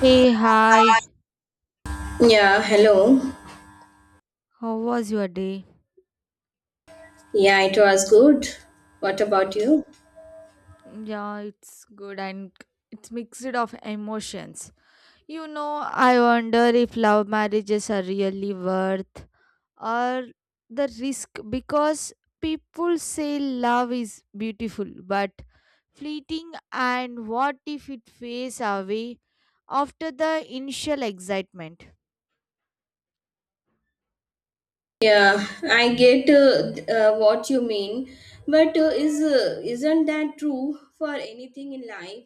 Hey, hi. Yeah, hello. How was your day? Yeah, it was good. What about you? Yeah, it's good and it's mixed of emotions. You know, I wonder if love marriages are really worth or the risk because people say love is beautiful but fleeting, and what if it fades away after the initial excitement? Yeah, I get what you mean, but is isn't that true for anything in life?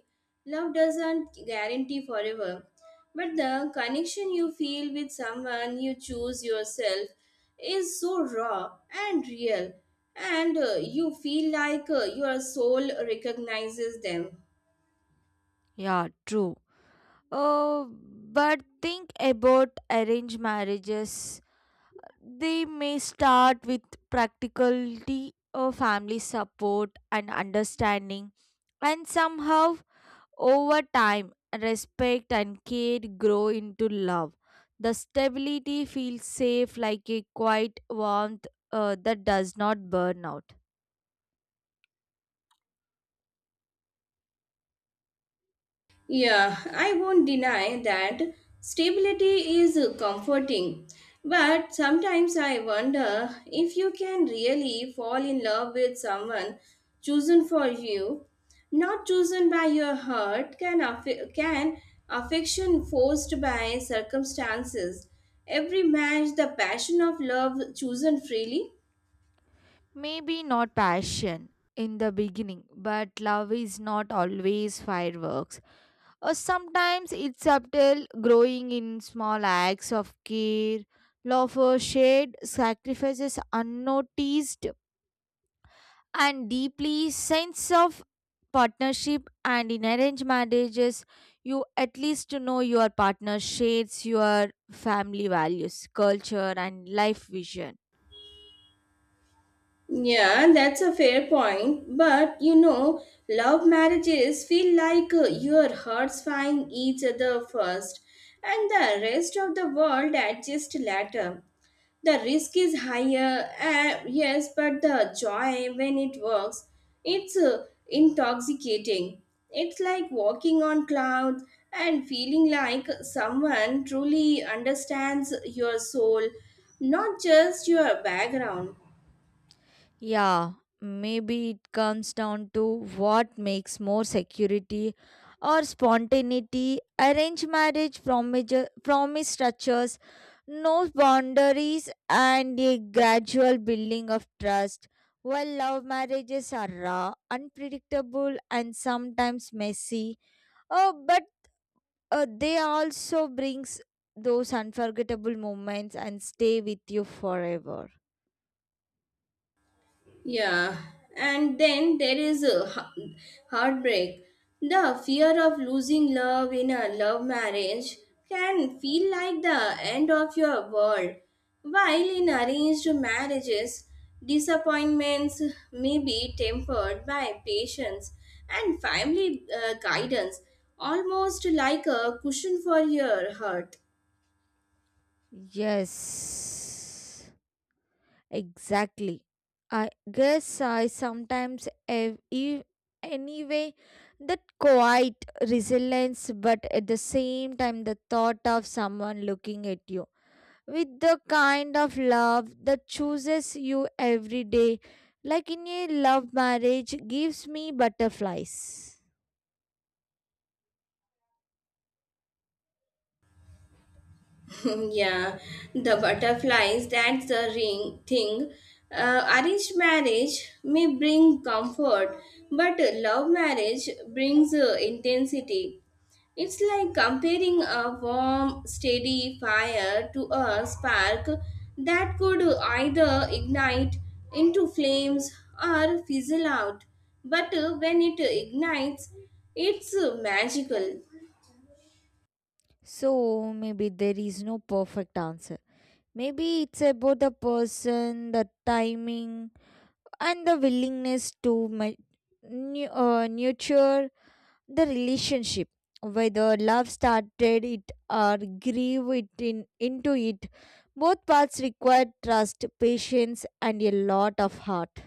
Love doesn't guarantee forever, but the connection you feel with someone you choose yourself is so raw and real, and you feel like your soul recognizes them. Yeah, true. Oh, but think about arranged marriages. They may start with practicality or family support and understanding, and somehow, over time, respect and care grow into love. The stability feels safe, like a quiet warmth that does not burn out. Yeah, I won't deny that stability is comforting. But sometimes I wonder if you can really fall in love with someone chosen for you, not chosen by your heart, can affection forced by circumstances. Every match the passion of love chosen freely? Maybe not passion in the beginning, but love is not always fireworks. Or sometimes it's subtle, growing in small acts of care, laughter, shared sacrifices unnoticed, and deeply sense of partnership. And in arranged marriages, you at least know your partner shares your family values, culture, and life vision. Yeah, that's a fair point. But love marriages feel like your hearts find each other first, and the rest of the world adjusts later. The risk is higher, yes, but the joy when it works, it's intoxicating. It's like walking on clouds and feeling like someone truly understands your soul, not just your background. Yeah, maybe it comes down to what makes more security or spontaneity. Arranged marriage promise structures, no boundaries, and a gradual building of trust. While love marriages are raw, unpredictable, and sometimes messy, oh, but they also brings those unforgettable moments and stay with you forever. Yeah, and then there is a heartbreak. The fear of losing love in a love marriage can feel like the end of your world. While in arranged marriages, disappointments may be tempered by patience and family guidance, almost like a cushion for your heart. Yes. Exactly. I guess I sometimes have anyway that quiet resilience, but at the same time, the thought of someone looking at you with the kind of love that chooses you every day, like in a love marriage, gives me butterflies. Yeah, the butterflies, that's the ring thing. Arranged marriage may bring comfort, but love marriage brings intensity. It's like comparing a warm, steady fire to a spark that could either ignite into flames or fizzle out. But when it ignites, it's magical. So maybe there is no perfect answer. Maybe it's about the person, the timing, and the willingness to ma- nurture the relationship, whether love started it or grieve it into it. Both paths require trust, patience, and a lot of heart.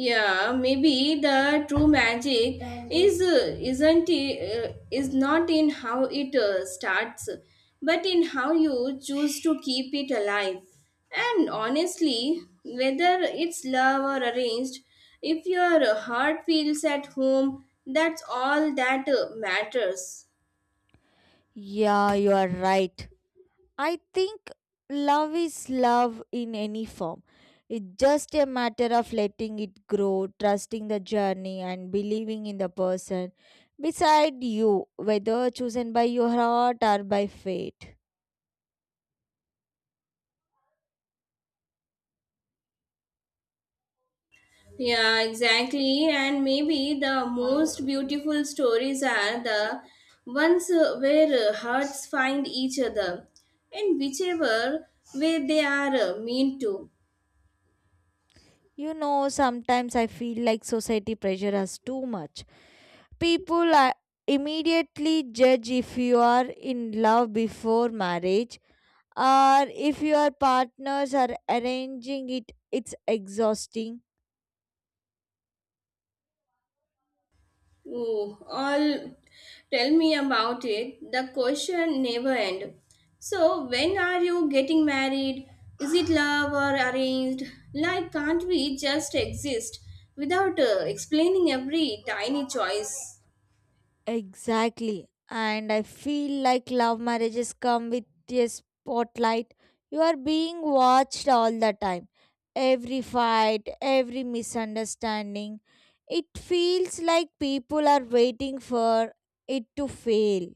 Yeah, maybe the true magic is not in how it starts, but in how you choose to keep it alive. And honestly, whether it's love or arranged, if your heart feels at home, that's all that matters. Yeah, you are right. I think love is love in any form. It's just a matter of letting it grow, trusting the journey, and believing in the person beside you, whether chosen by your heart or by fate. Yeah, exactly. And maybe the most beautiful stories are the ones where hearts find each other in whichever way they are meant to. You know, sometimes I feel like society pressure us too much. People are immediately judge if you are in love before marriage or if your partners are arranging it. It's exhausting. Ooh, all tell me about it. The question never end. So, when are you getting married? Is it love or arranged? Like, can't we just exist without explaining every tiny choice? Exactly. And I feel like love marriages come with a spotlight. You are being watched all the time. Every fight, every misunderstanding. It feels like people are waiting for it to fail.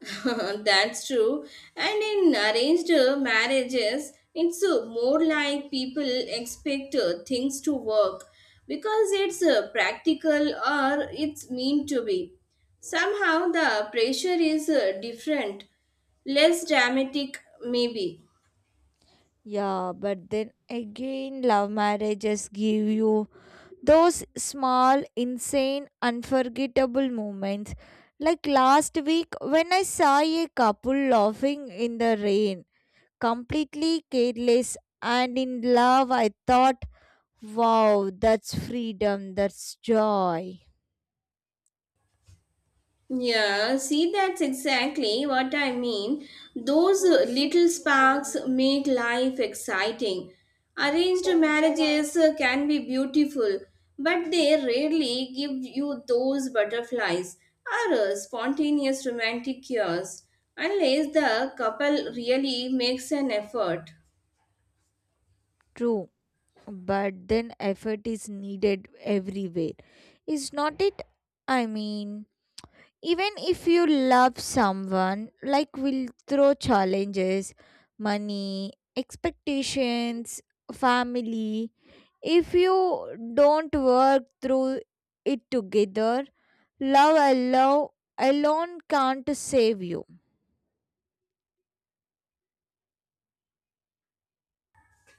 That's true. And in arranged marriages, it's more like people expect things to work because it's practical or it's meant to be. Somehow the pressure is different, less dramatic, maybe. Yeah, but then again, love marriages give you those small, insane, unforgettable moments. Like last week when I saw a couple laughing in the rain, completely careless and in love. I thought, wow, that's freedom, that's joy. Yeah, see, that's exactly what I mean. Those little sparks make life exciting. Arranged marriages can be beautiful, but they rarely give you those butterflies or spontaneous romantic cures unless the couple really makes an effort. True, but then effort is needed everywhere, is not it? I mean, even if you love someone, like, will throw challenges, money, expectations, family. If you don't work through it together, love alone, can't save you.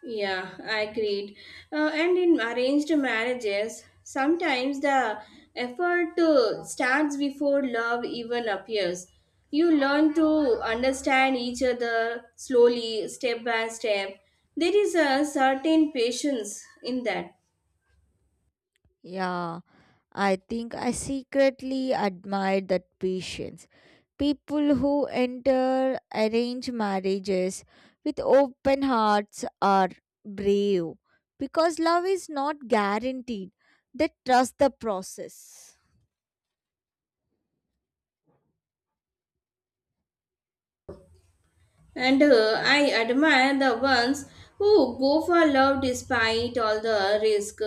Yeah, I agreed. And in arranged marriages, sometimes the effort starts before love even appears. You learn to understand each other slowly, step by step. There is a certain patience in that. Yeah, I think I secretly admire that patience. People who enter arranged marriages with open hearts are brave because love is not guaranteed. They trust the process. And I admire the ones who go for love despite all the risk.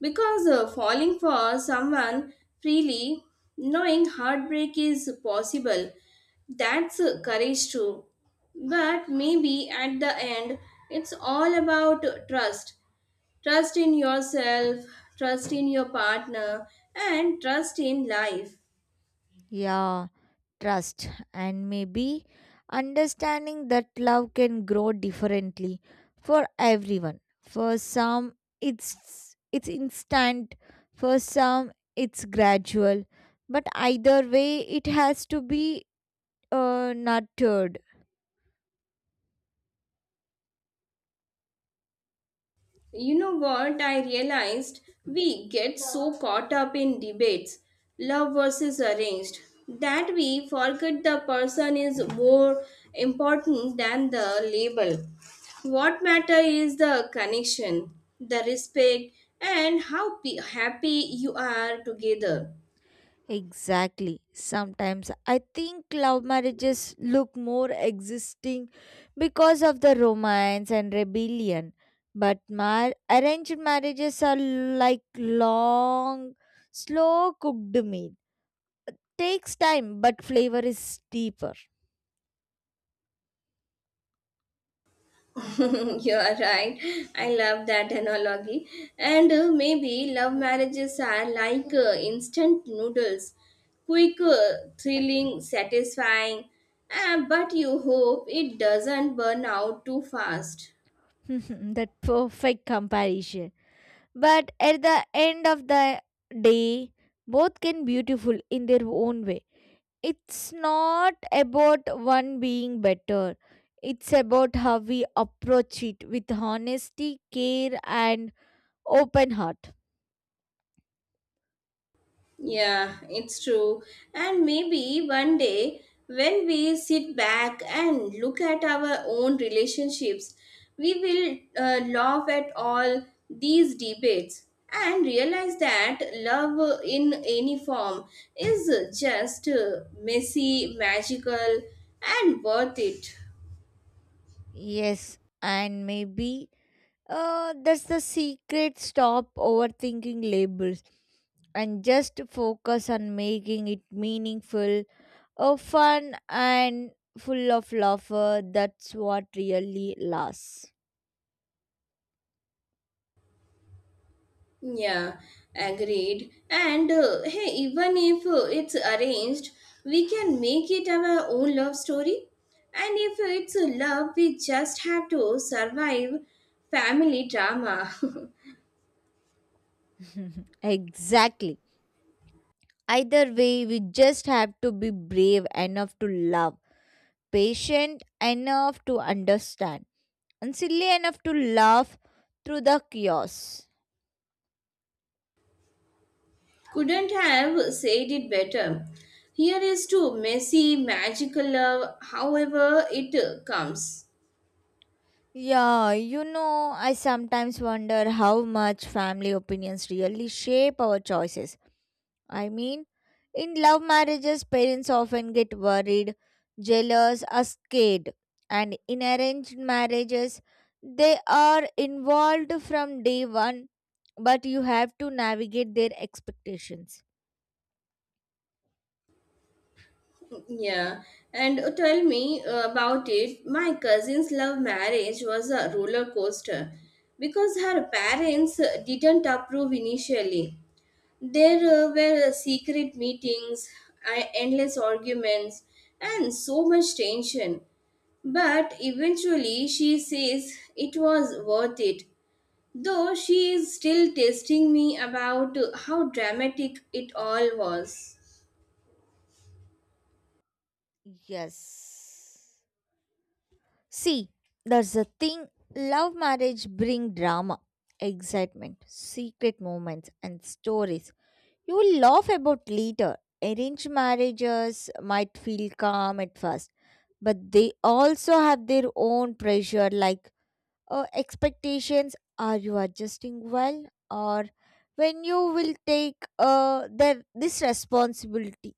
Because falling for someone freely, knowing heartbreak is possible, that's courage too. But maybe at the end, it's all about trust in yourself, trust in your partner, and trust in life. Yeah. Trust, and maybe understanding that love can grow differently for everyone. For some it's instant, for some it's gradual, but either way it has to be nurtured. You know what? I realized we get so caught up in debates, love versus arranged, that we forget the person is more important than the label. What matter is the connection, the respect, and how happy you are together. Exactly. Sometimes I think love marriages look more existing because of the romance and rebellion. But arranged marriages are like long, slow cooked meal. Takes time, but flavor is deeper. You are right. I love that analogy. And maybe love marriages are like instant noodles, quick, thrilling, satisfying, but you hope it doesn't burn out too fast. That perfect comparison. But at the end of the day, both can beautiful in their own way. It's not about one being better. It's about how we approach it with honesty, care, and open heart. Yeah, it's true. And maybe one day, when we sit back and look at our own relationships, we will laugh at all these debates and realize that love in any form is just messy, magical, and worth it. Yes, and maybe that's the secret. Stop overthinking labels and just focus on making it meaningful. Fun and full of laughter. That's what really lasts. Yeah, agreed. And hey, even if it's arranged, we can make it our own love story. And if it's a love, we just have to survive family drama. Exactly. Either way, we just have to be brave enough to love, patient enough to understand, and silly enough to laugh through the chaos. Couldn't have said it better. Here is to messy, magical love, however it comes. Yeah, you know, I sometimes wonder how much family opinions really shape our choices. I mean, in love marriages, parents often get worried, jealous, or scared. And in arranged marriages, they are involved from day one, but you have to navigate their expectations. Yeah, and tell me about it. My cousin's love marriage was a roller coaster because her parents didn't approve initially. There were secret meetings, endless arguments, and so much tension. But eventually, she says it was worth it. Though she is still testing me about how dramatic it all was. Yes. See, there's a thing. Love marriage bring drama, excitement, secret moments and stories. You will laugh about later. Arranged marriages might feel calm at first, but they also have their own pressure, like expectations are you adjusting well, or when you will take this responsibility.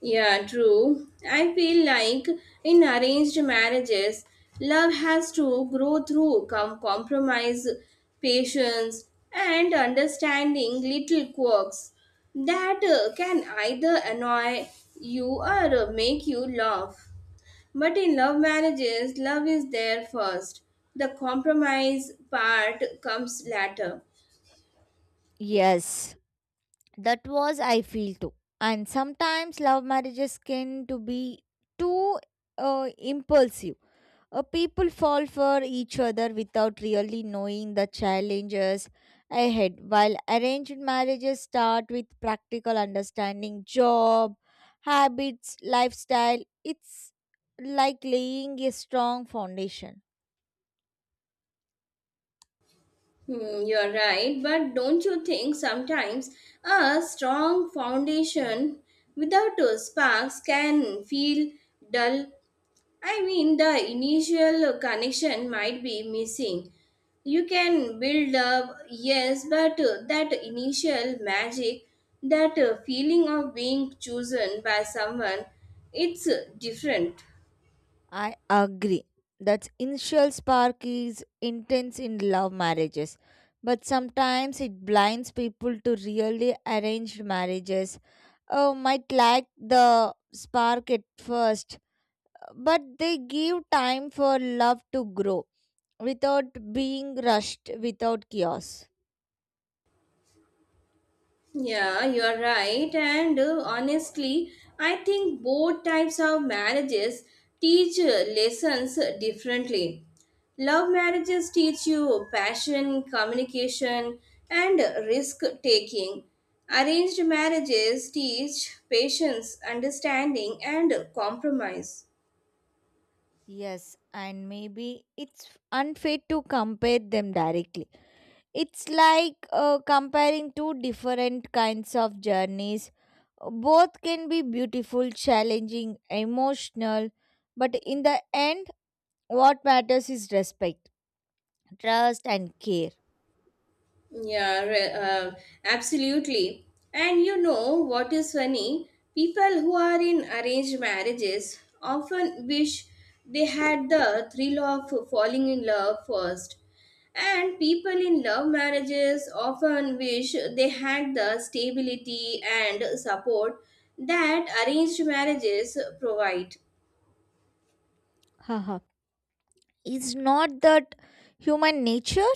Yeah, true. I feel like in arranged marriages, love has to grow through compromise, patience, and understanding little quirks that can either annoy you or make you laugh. But in love marriages, love is there first. The compromise part comes later. Yes, that was I feel too. And sometimes love marriages can to be too impulsive. People fall for each other without really knowing the challenges ahead. While arranged marriages start with practical understanding, job, habits, lifestyle, it's like laying a strong foundation. Hmm, you are right, but don't you think sometimes a strong foundation without sparks can feel dull? I mean, the initial connection might be missing. You can build up, yes, but that initial magic, that feeling of being chosen by someone, it's different. I agree. That initial spark is intense in love marriages, but sometimes it blinds people to really arranged marriages. Oh, might lack the spark at first, but they give time for love to grow without being rushed, without chaos. Yeah, you are right. And honestly, I think both types of marriages teach lessons differently. Love marriages teach you passion, communication, and risk taking. Arranged marriages teach patience, understanding, and compromise. Yes, and maybe it's unfair to compare them directly. It's like comparing two different kinds of journeys. Both can be beautiful, challenging, emotional, but in the end, what matters is respect, trust, and care. Yeah, absolutely. And you know what is funny? People who are in arranged marriages often wish they had the thrill of falling in love first. And people in love marriages often wish they had the stability and support that arranged marriages provide. Haha. Is not that human nature?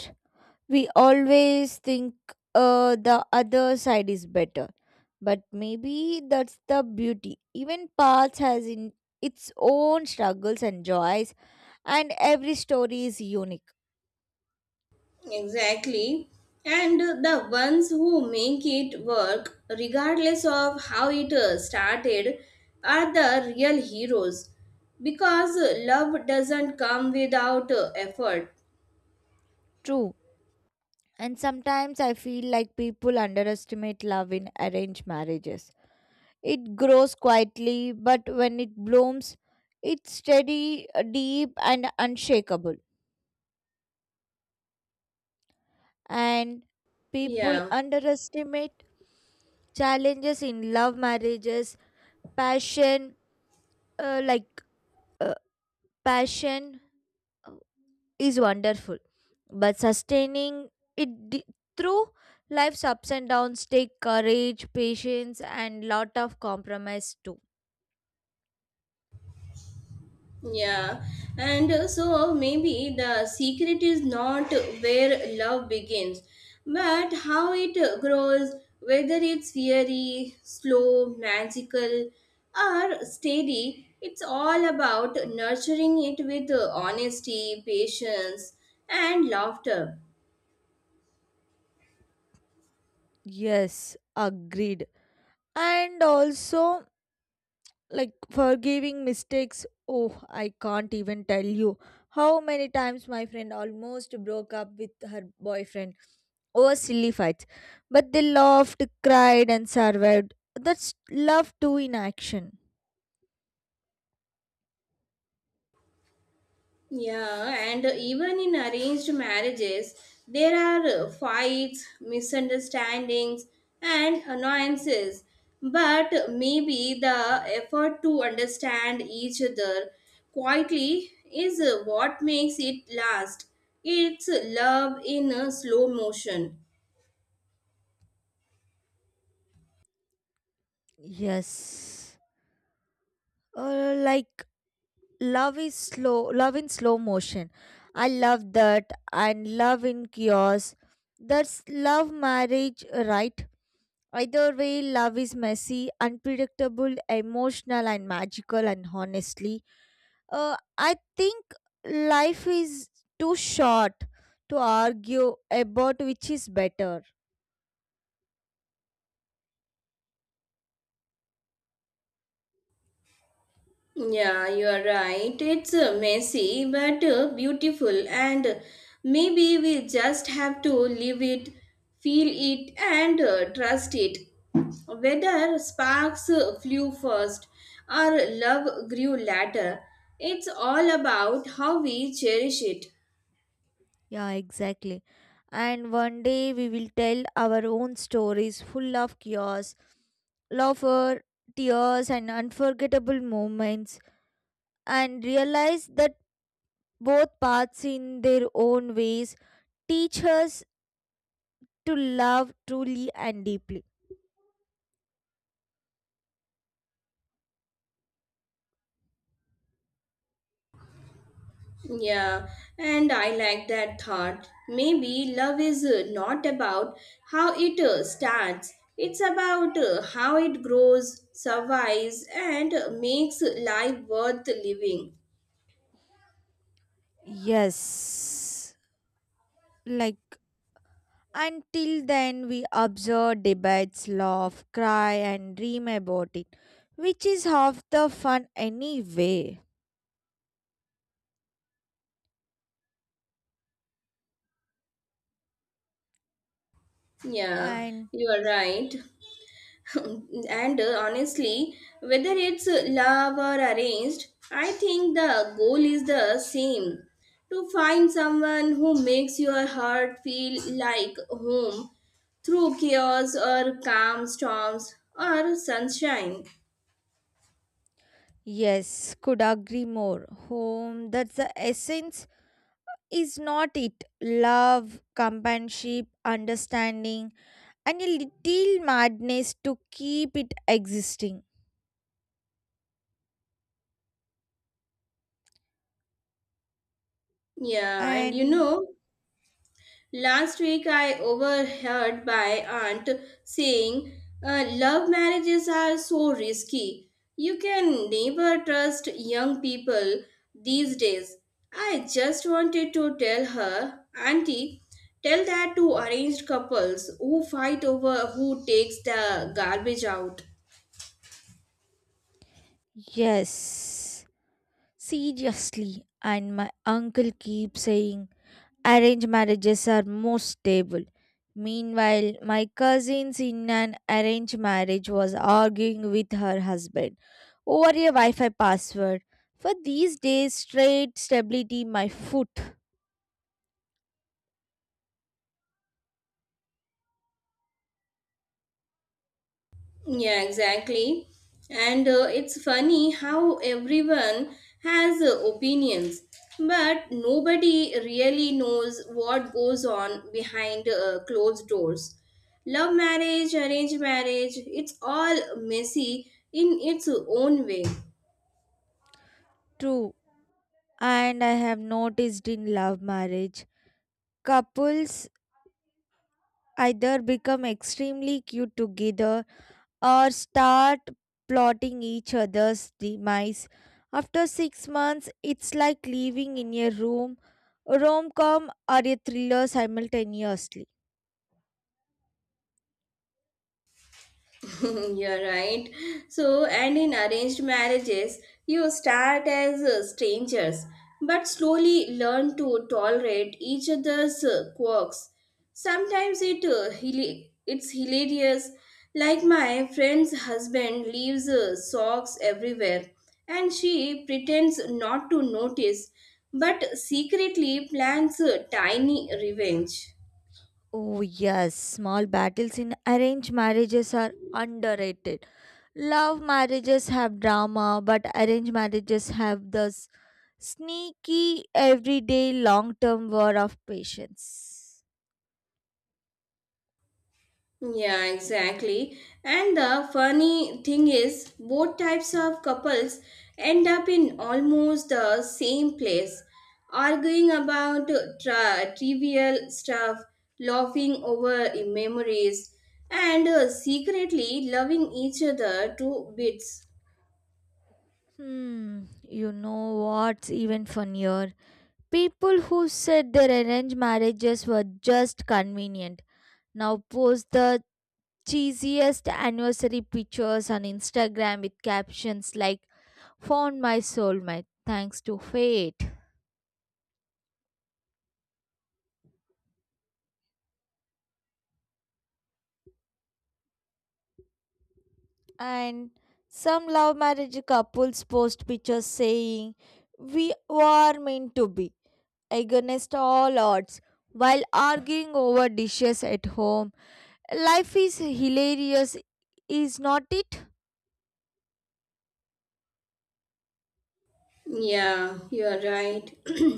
We always think the other side is better, but maybe that's the beauty. Even paths has in its own struggles and joys, and every story is unique. Exactly. And the ones who make it work, regardless of how it started, are the real heroes. Because love doesn't come without effort. True. And sometimes I feel like people underestimate love in arranged marriages. It grows quietly, but when it blooms, it's steady, deep, and unshakable. And people Yeah. underestimate challenges in love marriages. Passion, uh, like uh, passion uh, is wonderful, but sustaining it d- through life's ups and downs take courage, patience, and lot of compromise too. Yeah, and so maybe the secret is not where love begins, but how it grows, whether it's fiery, slow, magical, or steady. It's all about nurturing it with honesty, patience, and laughter. Yes, agreed. And also, like, forgiving mistakes. Oh, I can't even tell you how many times my friend almost broke up with her boyfriend over silly fights, but they laughed, cried, and survived. That's love too, in action. Yeah, and even in arranged marriages, there are fights, misunderstandings, and annoyances. But maybe the effort to understand each other quietly is what makes it last. It's love in a slow motion. Yes, like, love is slow, love in slow motion. I love that. And love in chaos, that's love marriage, right? Either way, love is messy, unpredictable, emotional, and magical. And honestly, I think life is too short to argue about which is better. Yeah, you are right. It's messy but beautiful, and maybe we just have to live it, feel it, and trust it. Whether sparks flew first or love grew later, it's all about how we cherish it. Yeah, exactly. And one day we will tell our own stories full of chaos, laughter, tears, and unforgettable moments, and realize that both paths, in their own ways, teach us to love truly and deeply. Yeah, and I like that thought. Maybe love is not about how it starts, it's about how it grows, survives, and makes life worth living. Yes, like, until then, we observe debates, laugh, cry, and dream about it, which is half the fun anyway. Yeah, And you are right. And honestly, whether it's love or arranged, I think the goal is the same to find someone who makes your heart feel like home through chaos or calm storms or sunshine. yes, could agree more. Home, that's the essence, is not it? Love, companionship, understanding, and a little madness to keep it existing. Yeah, and And last week, I overheard my aunt saying, "Love marriages are so risky. You can never trust young people these days." I just wanted to tell her, "Auntie, tell that to arranged couples who fight over who takes the garbage out." yes. Seriously, and my uncle keeps saying arranged marriages are more stable. Meanwhile, my cousins in an arranged marriage was arguing with her husband over a Wi Fi password. For these days, straight stability, my foot. Yeah, exactly. And it's funny how everyone has opinions, but nobody really knows what goes on behind closed doors. Love marriage, arranged marriage, it's all messy in its own way. True. And I have noticed in love marriage, couples either become extremely cute together or start plotting each other's demise. After 6 months, it's like living in a room, a rom com, or a thriller simultaneously. You're right. So, and in arranged marriages, you start as strangers, but slowly learn to tolerate each other's quirks. Sometimes it's hilarious. Like my friend's husband leaves socks everywhere, and she pretends not to notice, but secretly plans a tiny revenge. Oh, yes, small battles in arranged marriages are underrated. Love marriages have drama, but arranged marriages have this sneaky, everyday, long term war of patience. Yeah, exactly. And the funny thing is, both types of couples end up in almost the same place, arguing about trivial stuff, laughing over memories, and secretly loving each other to bits. Hmm, you know what's even funnier? People who said their arranged marriages were just convenient now post the cheesiest anniversary pictures on Instagram with captions like, found my soulmate thanks to fate. And some love marriage couples post pictures saying we were meant to be against all odds while arguing over dishes at home. Life is hilarious, is not it? Yeah, you are right.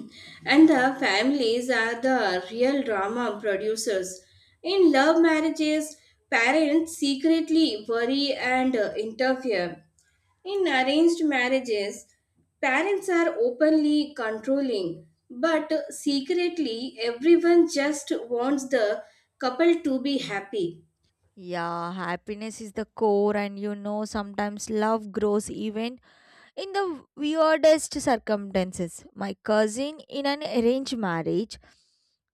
And the families are the real drama producers. In love marriages, parents secretly worry and interfere. In arranged marriages, parents are openly controlling, but secretly, everyone just wants the couple to be happy. Yeah, happiness is the core, and you know, sometimes love grows even in the weirdest circumstances. My cousin, in an arranged marriage,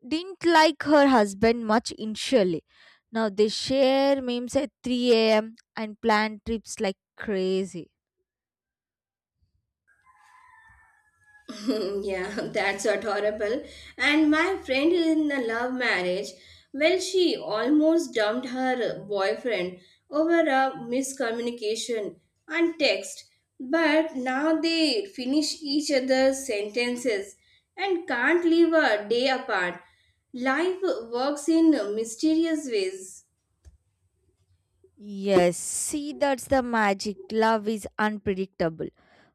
didn't like her husband much initially. Now they share memes at 3 a.m. and plan trips like crazy. Yeah, that's adorable. And my friend in the love marriage, well, she almost dumped her boyfriend over a miscommunication and text. But now they finish each other's sentences and can't live a day apart. Life works in mysterious ways. Yes, see, that's the magic. Love is unpredictable.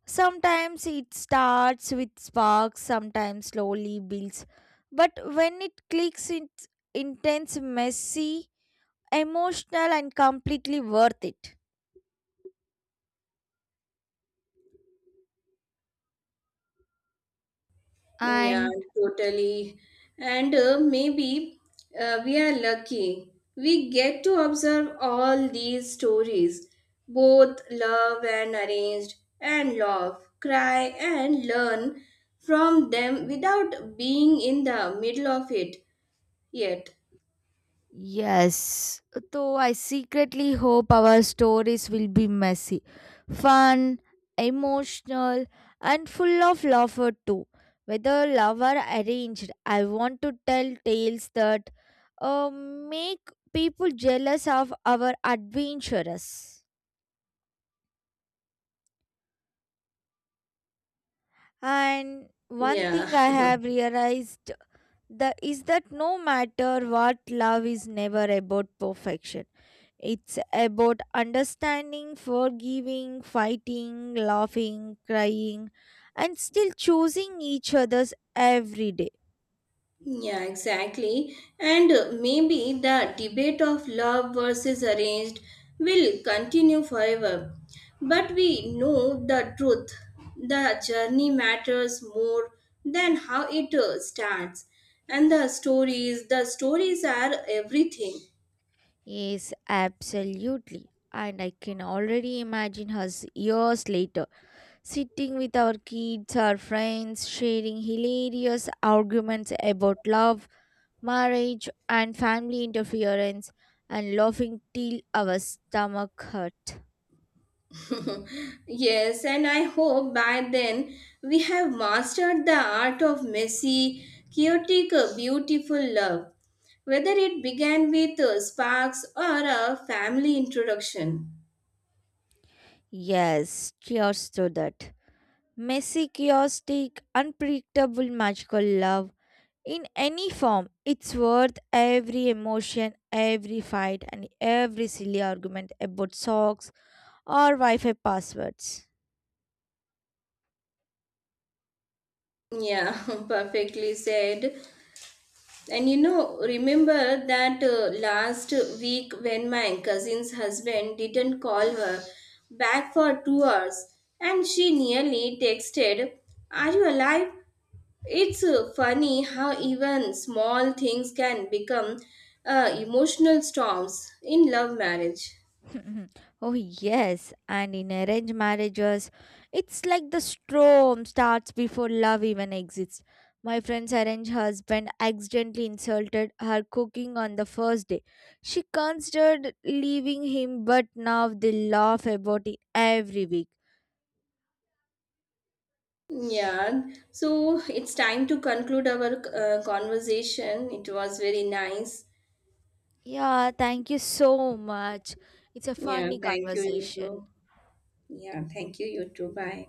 Sometimes it starts with sparks, sometimes slowly builds. But when it clicks, it's intense, messy, emotional, and completely worth it. Yeah, And. totally. And maybe we are lucky. We get to observe all these stories, both love and arranged, and love, cry and learn from them without being in the middle of it yet. Yes, though I secretly hope our stories will be messy, fun, emotional, and full of laughter too. Whether love or arranged, I want to tell tales that make people jealous of our adventurers. And one Yeah. thing I have realized, is that no matter what, love is never about perfection. It's about understanding, forgiving, fighting, laughing, crying, and still choosing each other's every day. Yeah, exactly. And maybe the debate of love versus arranged will continue forever. But we know the truth. The journey matters more than how it starts. And the stories are everything. Yes, absolutely. And I can already imagine us years later, sitting with our kids, our friends, sharing hilarious arguments about love, marriage, and family interference, and laughing till our stomach hurt. Yes, and I hope by then we have mastered the art of messy, chaotic, beautiful love, whether it began with sparks or a family introduction. Yes, cheers to that. Messy, chaotic, unpredictable, magical love. In any form, it's worth every emotion, every fight, and every silly argument about socks or Wi Fi passwords. Yeah, perfectly said. And remember that last week when my cousin's husband didn't call her back for 2 hours and she nearly texted, "Are you alive?" It's funny how even small things can become emotional storms in love marriage. Oh yes, and in arranged marriages, it's like the storm starts before love even exists. My friend's arranged husband accidentally insulted her cooking on the first day. She considered leaving him, but now they laugh about it every week. Yeah, so it's time to conclude our conversation. It was very nice. Yeah, thank you so much. It's a Yeah, funny thank you, you conversation. too. Yeah, thank you, you too. Bye.